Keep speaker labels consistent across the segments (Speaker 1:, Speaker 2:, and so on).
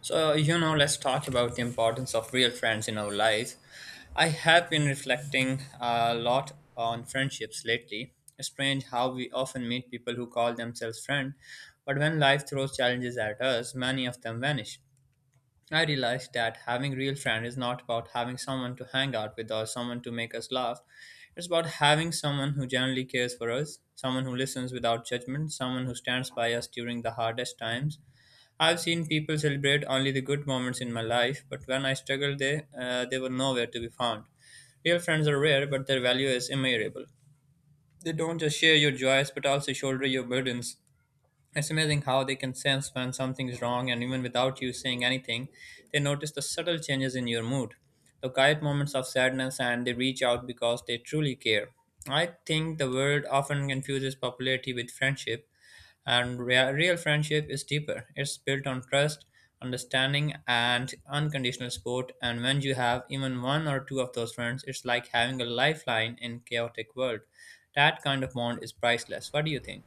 Speaker 1: Let's talk about the importance of real friends in our lives. I have been reflecting a lot on friendships lately. It's strange how we often meet people who call themselves friends, but when life throws challenges at us, many of them vanish. I realized that having real friends is not about having someone to hang out with or someone to make us laugh. It's about having someone who generally cares for us, someone who listens without judgment, someone who stands by us during the hardest times. I've seen people celebrate only the good moments in my life, but when I struggled, they were nowhere to be found. Real friends are rare, but their value is immeasurable. They don't just share your joys, but also shoulder your burdens. It's amazing how they can sense when something's wrong, and even without you saying anything, they notice the subtle changes in your mood, the quiet moments of sadness, and they reach out because they truly care. I think the world often confuses popularity with friendship, and real friendship is deeper. It's built on trust, understanding, and unconditional support. And when you have even one or two of those friends, it's like having a lifeline in chaotic world. That kind of bond is priceless. What do you think?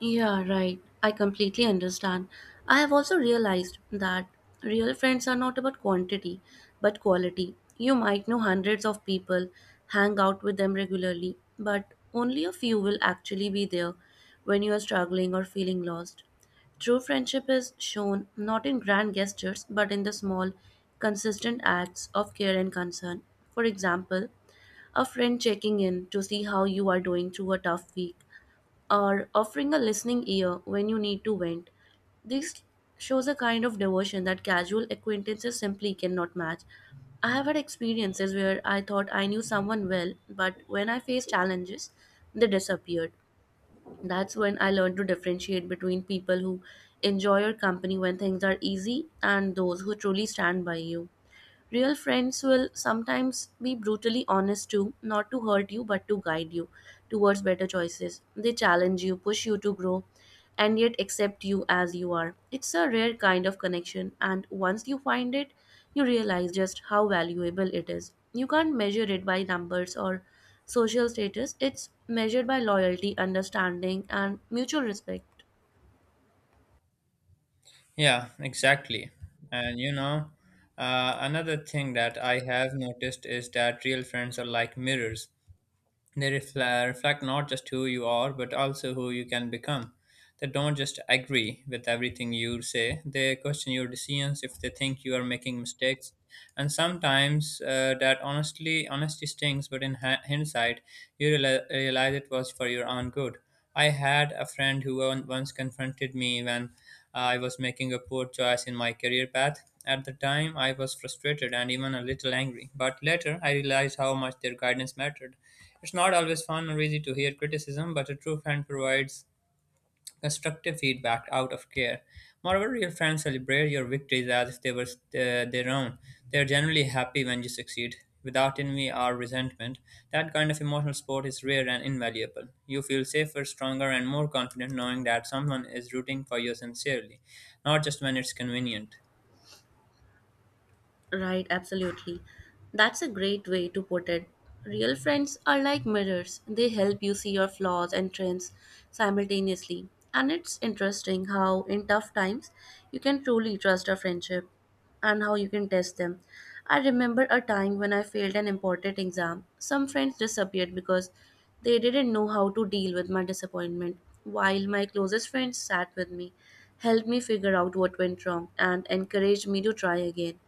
Speaker 2: Yeah, right. I completely understand. I have also realized that real friends are not about quantity, but quality. You might know hundreds of people, hang out with them regularly, but only a few will actually be there when you are struggling or feeling lost. True friendship is shown not in grand gestures, but in the small, consistent acts of care and concern. For example, a friend checking in to see how you are doing through a tough week or offering a listening ear when you need to vent. This shows a kind of devotion that casual acquaintances simply cannot match. I have had experiences where I thought I knew someone well, but when I faced challenges, they disappeared. That's when I learned to differentiate between people who enjoy your company when things are easy and those who truly stand by you. Real friends will sometimes be brutally honest too, not to hurt you, but to guide you towards better choices. They challenge you, push you to grow, and yet accept you as you are. It's a rare kind of connection, and once you find it, you realize just how valuable it is. You can't measure it by numbers or social status, it's measured by loyalty, understanding, and mutual respect.
Speaker 1: Yeah, exactly. And you know, Another thing that I have noticed is that real friends are like mirrors. They reflect not just who you are, but also who you can become. They don't just agree with everything you say, they question your decisions if they think you are making mistakes. And sometimes that honesty stings, but in hindsight, you realize it was for your own good. I had a friend who once confronted me when I was making a poor choice in my career path. At the time, I was frustrated and even a little angry, but later I realized how much their guidance mattered. It's not always fun or easy to hear criticism, but a true friend provides constructive feedback out of care. Moreover, real friends celebrate your victories as if they were their own. They are generally happy when you succeed, without envy or resentment. That kind of emotional support is rare and invaluable. You feel safer, stronger, and more confident knowing that someone is rooting for you sincerely, not just when it's convenient.
Speaker 2: Right, absolutely. That's a great way to put it. Real friends are like mirrors, they help you see your flaws and trends simultaneously. And it's interesting how, in tough times, you can truly trust a friendship and how you can test them. I remember a time when I failed an important exam. Some friends disappeared because they didn't know how to deal with my disappointment, while my closest friends sat with me, helped me figure out what went wrong, and encouraged me to try again.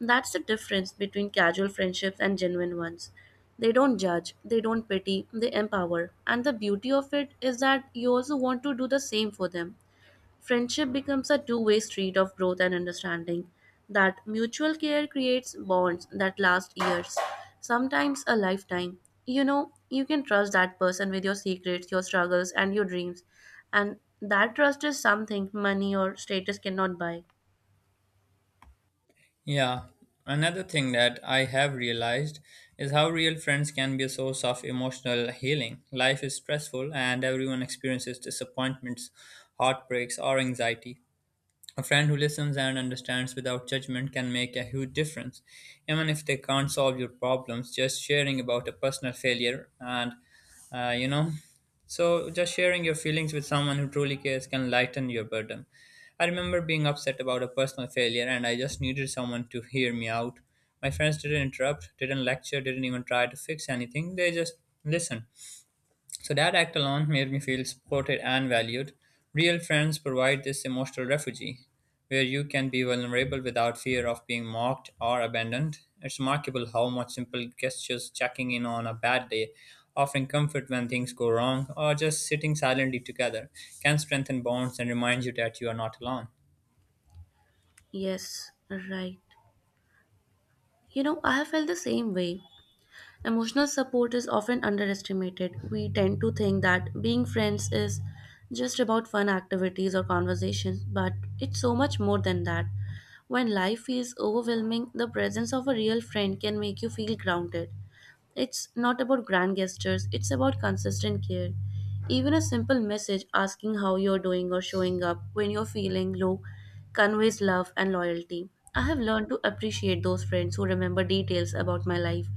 Speaker 2: That's the difference between casual friendships and genuine ones. They don't judge, they don't pity, they empower. And the beauty of it is that you also want to do the same for them. Friendship becomes a two-way street of growth and understanding. That mutual care creates bonds that last years, sometimes a lifetime. You know you can trust that person with your secrets, your struggles, and your dreams. And that trust is something money or status cannot buy.
Speaker 1: Yeah, another thing that I have realized is how real friends can be a source of emotional healing. Life is stressful, and everyone experiences disappointments, heartbreaks, or anxiety. A friend who listens and understands without judgment can make a huge difference. Even if they can't solve your problems, just sharing about a personal failure and, uh, you know, just sharing your feelings with someone who truly cares can lighten your burden. I remember being upset about a personal failure and I just needed someone to hear me out. My friends didn't interrupt, didn't lecture, didn't even try to fix anything, they just listened. So that act alone made me feel supported and valued. Real friends provide this emotional refuge where you can be vulnerable without fear of being mocked or abandoned. It's remarkable how much simple gestures, checking in on a bad day, offering comfort when things go wrong, or just sitting silently together can strengthen bonds and remind you that you are not alone.
Speaker 2: Yes, right. You know, I have felt the same way. Emotional support is often underestimated. We tend to think that being friends is just about fun activities or conversations, but it's so much more than that. When life feels overwhelming, the presence of a real friend can make you feel grounded. It's not about grand gestures, it's about consistent care. Even a simple message asking how you're doing or showing up when you're feeling low conveys love and loyalty. I have learned to appreciate those friends who remember details about my life,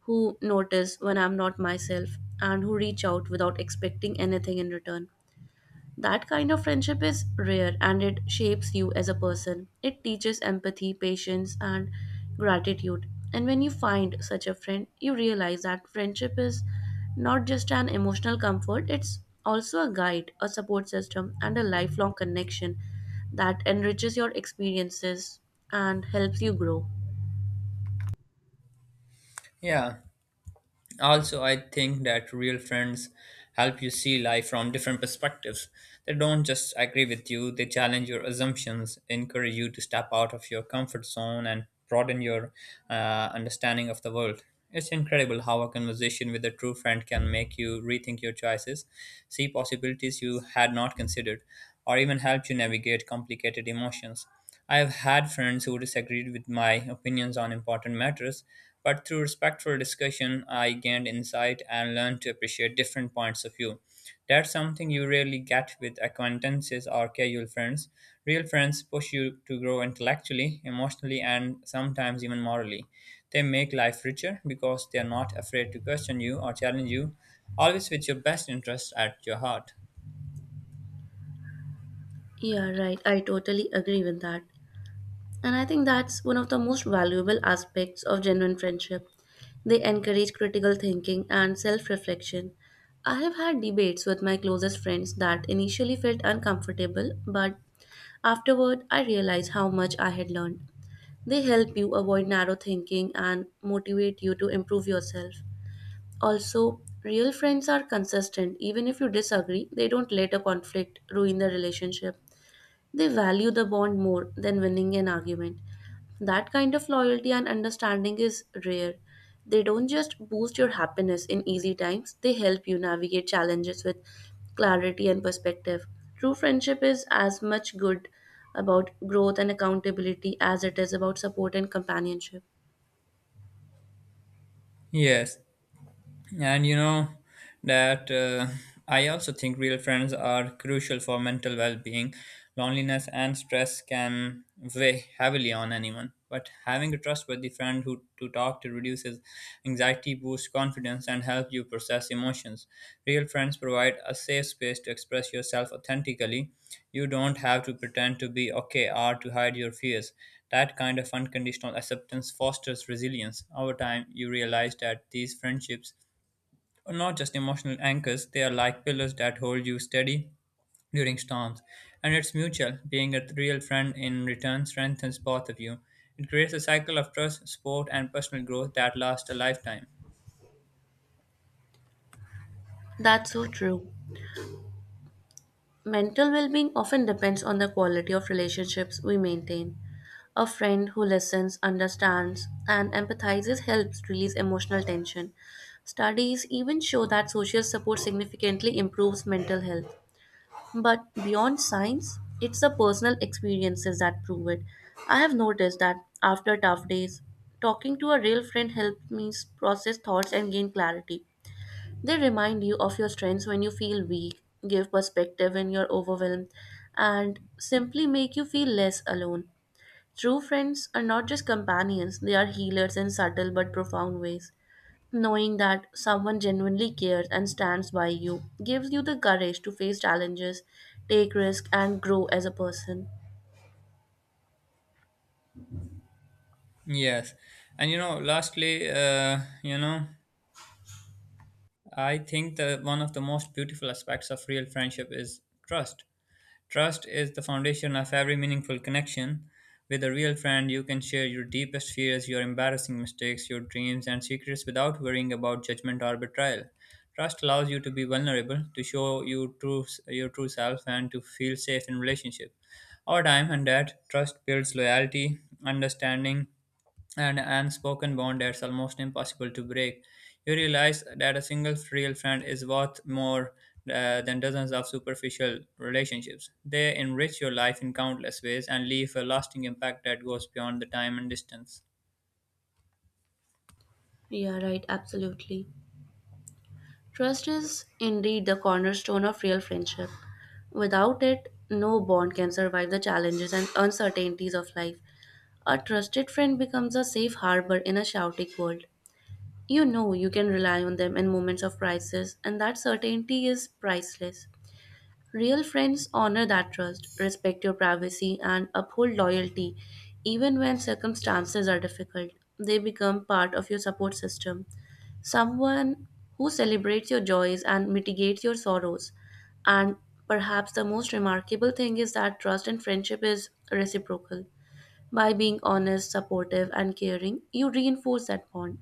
Speaker 2: who notice when I'm not myself, and who reach out without expecting anything in return. That kind of friendship is rare and it shapes you as a person. It teaches empathy, patience, and gratitude. And when you find such a friend, you realize that friendship is not just an emotional comfort, it's also a guide, a support system, and a lifelong connection that enriches your experiences and helps you grow.
Speaker 1: Yeah. Also, I think that real friends help you see life from different perspectives. They don't just agree with you, they challenge your assumptions, encourage you to step out of your comfort zone, and broaden your understanding of the world. It's incredible how a conversation with a true friend can make you rethink your choices, see possibilities you had not considered, or even help you navigate complicated emotions. I have had friends who disagreed with my opinions on important matters, but through respectful discussion, I gained insight and learned to appreciate different points of view. That's something you rarely get with acquaintances or casual friends. Real friends push you to grow intellectually, emotionally, and sometimes even morally. They make life richer because they are not afraid to question you or challenge you, always with your best interests at your heart.
Speaker 2: Yeah, right. I totally agree with that. And I think that's one of the most valuable aspects of genuine friendship. They encourage critical thinking and self reflection. I have had debates with my closest friends that initially felt uncomfortable, but afterward I realized how much I had learned. They help you avoid narrow thinking and motivate you to improve yourself. Also, real friends are consistent. Even if you disagree, they don't let a conflict ruin the relationship. They value the bond more than winning an argument. That kind of loyalty and understanding is rare. They don't just boost your happiness in easy times, they help you navigate challenges with clarity and perspective. True friendship is as much good about growth and accountability as it is about support and companionship.
Speaker 1: Yes, and you know that I also think real friends are crucial for mental well-being. Loneliness and stress can weigh heavily on anyone, but having a trustworthy friend who to talk to reduces anxiety, boosts confidence, and help you process emotions. Real friends provide a safe space to express yourself authentically. You don't have to pretend to be okay or to hide your fears. That kind of unconditional acceptance fosters resilience. Over time you realize that these friendships are not just emotional anchors, they are like pillars that hold you steady during storms. And it's mutual. Being a real friend in return strengthens both of you. It creates a cycle of trust, support, and personal growth that lasts a lifetime.
Speaker 2: That's so true. Mental well being often depends on the quality of relationships we maintain. A friend who listens, understands, and empathizes helps release emotional tension. Studies even show that social support significantly improves mental health. But beyond science, it's the personal experiences that prove it. I have noticed that after tough days, talking to a real friend helped me process thoughts and gain clarity. They remind you of your strengths when you feel weak, give perspective when you're overwhelmed, and simply make you feel less alone. True friends are not just companions, they are healers in subtle but profound ways. Knowing that someone genuinely cares and stands by you gives you the courage to face challenges, take risks, and grow as a person.
Speaker 1: Yes. And you know, lastly, I think that one of the most beautiful aspects of real friendship is trust. Trust is the foundation of every meaningful connection. With a real friend, you can share your deepest fears, your embarrassing mistakes, your dreams, and secrets without worrying about judgment or betrayal. Trust allows you to be vulnerable, to your true self, and to feel safe in relationship. Over time and that, trust builds loyalty, understanding, an unspoken bond that's almost impossible to break. You realize that a single real friend is worth more than dozens of superficial relationships. They enrich your life in countless ways and leave a lasting impact that goes beyond the time and distance.
Speaker 2: Yeah, right, absolutely. Trust is indeed the cornerstone of real friendship. Without it, no bond can survive the challenges and uncertainties of life. A trusted friend becomes a safe harbor in a chaotic world. You know you can rely on them in moments of crisis, and that certainty is priceless. Real friends honor that trust, respect your privacy, and uphold loyalty even when circumstances are difficult. They become part of your support system, someone who celebrates your joys and mitigates your sorrows. And perhaps the most remarkable thing is that trust and friendship is reciprocal. By being honest, supportive, and caring, you reinforce that bond.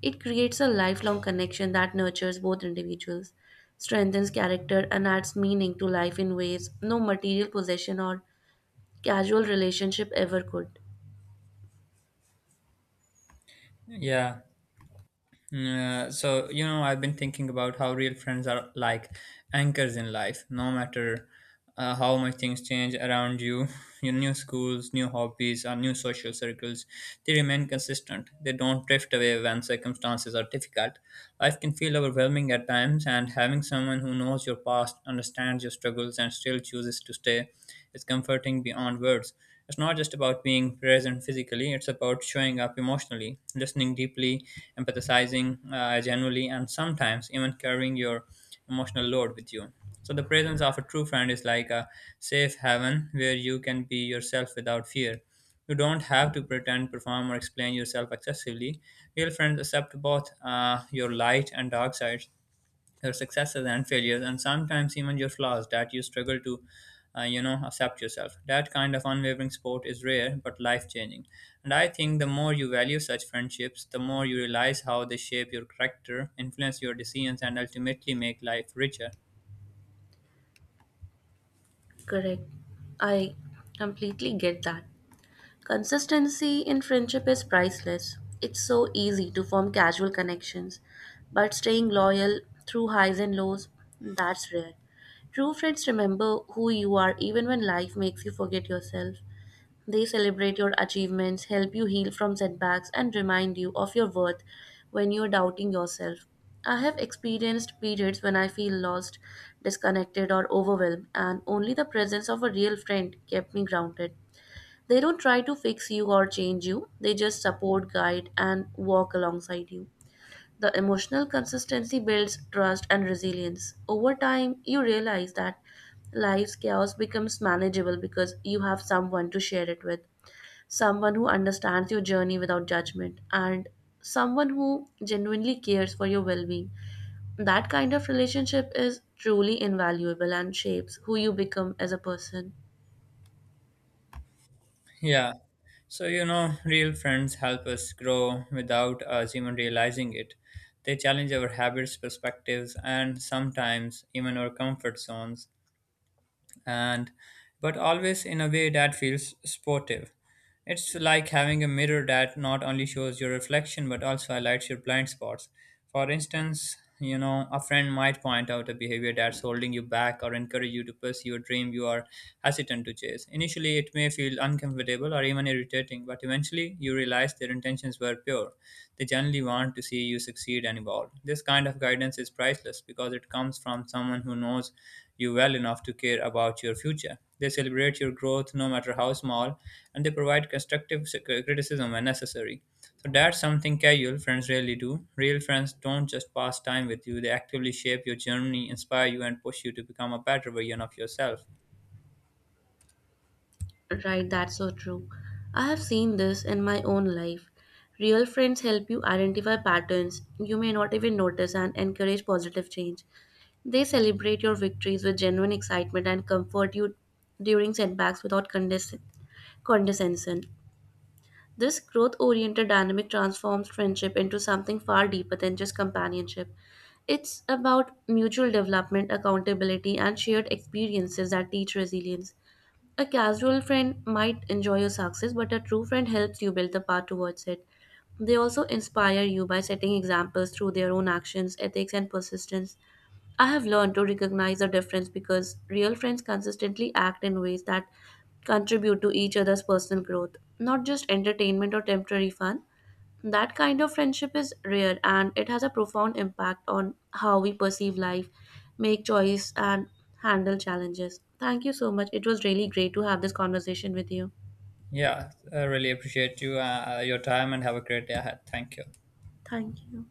Speaker 2: It creates a lifelong connection that nurtures both individuals, strengthens character, and adds meaning to life in ways no material possession or casual relationship ever could.
Speaker 1: Yeah, Yeah. So, you know, I've been thinking about how real friends are like anchors in life. No matter how much things change around you, your new schools, new hobbies, or new social circles, they remain consistent. They don't drift away when circumstances are difficult. Life can feel overwhelming at times, and having someone who knows your past, understands your struggles, and still chooses to stay is comforting beyond words. It's not just about being present physically, it's about showing up emotionally, listening deeply, empathizing genuinely, and sometimes even carrying your emotional load with you. So, the presence of a true friend is like a safe haven where you can be yourself without fear. You don't have to pretend, perform, or explain yourself excessively. Real friends accept both your light and dark sides, your successes and failures, and sometimes even your flaws that you struggle to accept yourself. That kind of unwavering support is rare but life changing. And I think the more you value such friendships, the more you realize how they shape your character, influence your decisions, and ultimately make life richer.
Speaker 2: Correct. I completely get that. Consistency in friendship is priceless. It's so easy to form casual connections, but staying loyal through highs and lows, that's rare. True friends remember who you are even when life makes you forget yourself. They celebrate your achievements, help you heal from setbacks, and remind you of your worth when you're doubting yourself. I have experienced periods when I feel lost, disconnected, or overwhelmed, and only the presence of a real friend kept me grounded. They don't try to fix you or change you, they just support, guide, and walk alongside you. The emotional consistency builds trust and resilience. Over time, you realize that life's chaos becomes manageable because you have someone to share it with, someone who understands your journey without judgment, and someone who genuinely cares for your well being. That kind of relationship is truly invaluable and shapes who you become as a person.
Speaker 1: Yeah, so, you know, real friends help us grow without us even realizing it. They challenge our habits, perspectives, and sometimes even our comfort zones. And But always in a way that feels sportive. It's like having a mirror that not only shows your reflection but also highlights your blind spots. For instance, you know, a friend might point out a behavior that's holding you back or encourage you to pursue a dream you are hesitant to chase. Initially, it may feel uncomfortable or even irritating, but eventually you realize their intentions were pure. They generally want to see you succeed and evolve. This kind of guidance is priceless because it comes from someone who knows you well enough to care about your future. They celebrate your growth, no matter how small, and they provide constructive criticism when necessary. So that's something casual friends rarely do. Real friends don't just pass time with you, they actively shape your journey, inspire you, and push you to become a better version of yourself.
Speaker 2: Right, that's so true. I have seen this in my own life. Real friends help you identify patterns you may not even notice and encourage positive change. They celebrate your victories with genuine excitement and comfort you during setbacks without condescension. This growth oriented dynamic transforms friendship into something far deeper than just companionship. It's about mutual development, accountability, and shared experiences that teach resilience. A casual friend might enjoy your success, but a true friend helps you build the path towards it. They also inspire you by setting examples through their own actions, ethics, and persistence. I have learned to recognize the difference because real friends consistently act in ways that contribute to each other's personal growth, not just entertainment or temporary fun. That kind of friendship is rare and it has a profound impact on how we perceive life, make choice, and handle challenges. Thank you so much. It was really great to have this conversation with you.
Speaker 1: Yeah, I really appreciate you, your time, and have a great day ahead. Thank you.
Speaker 2: Thank you.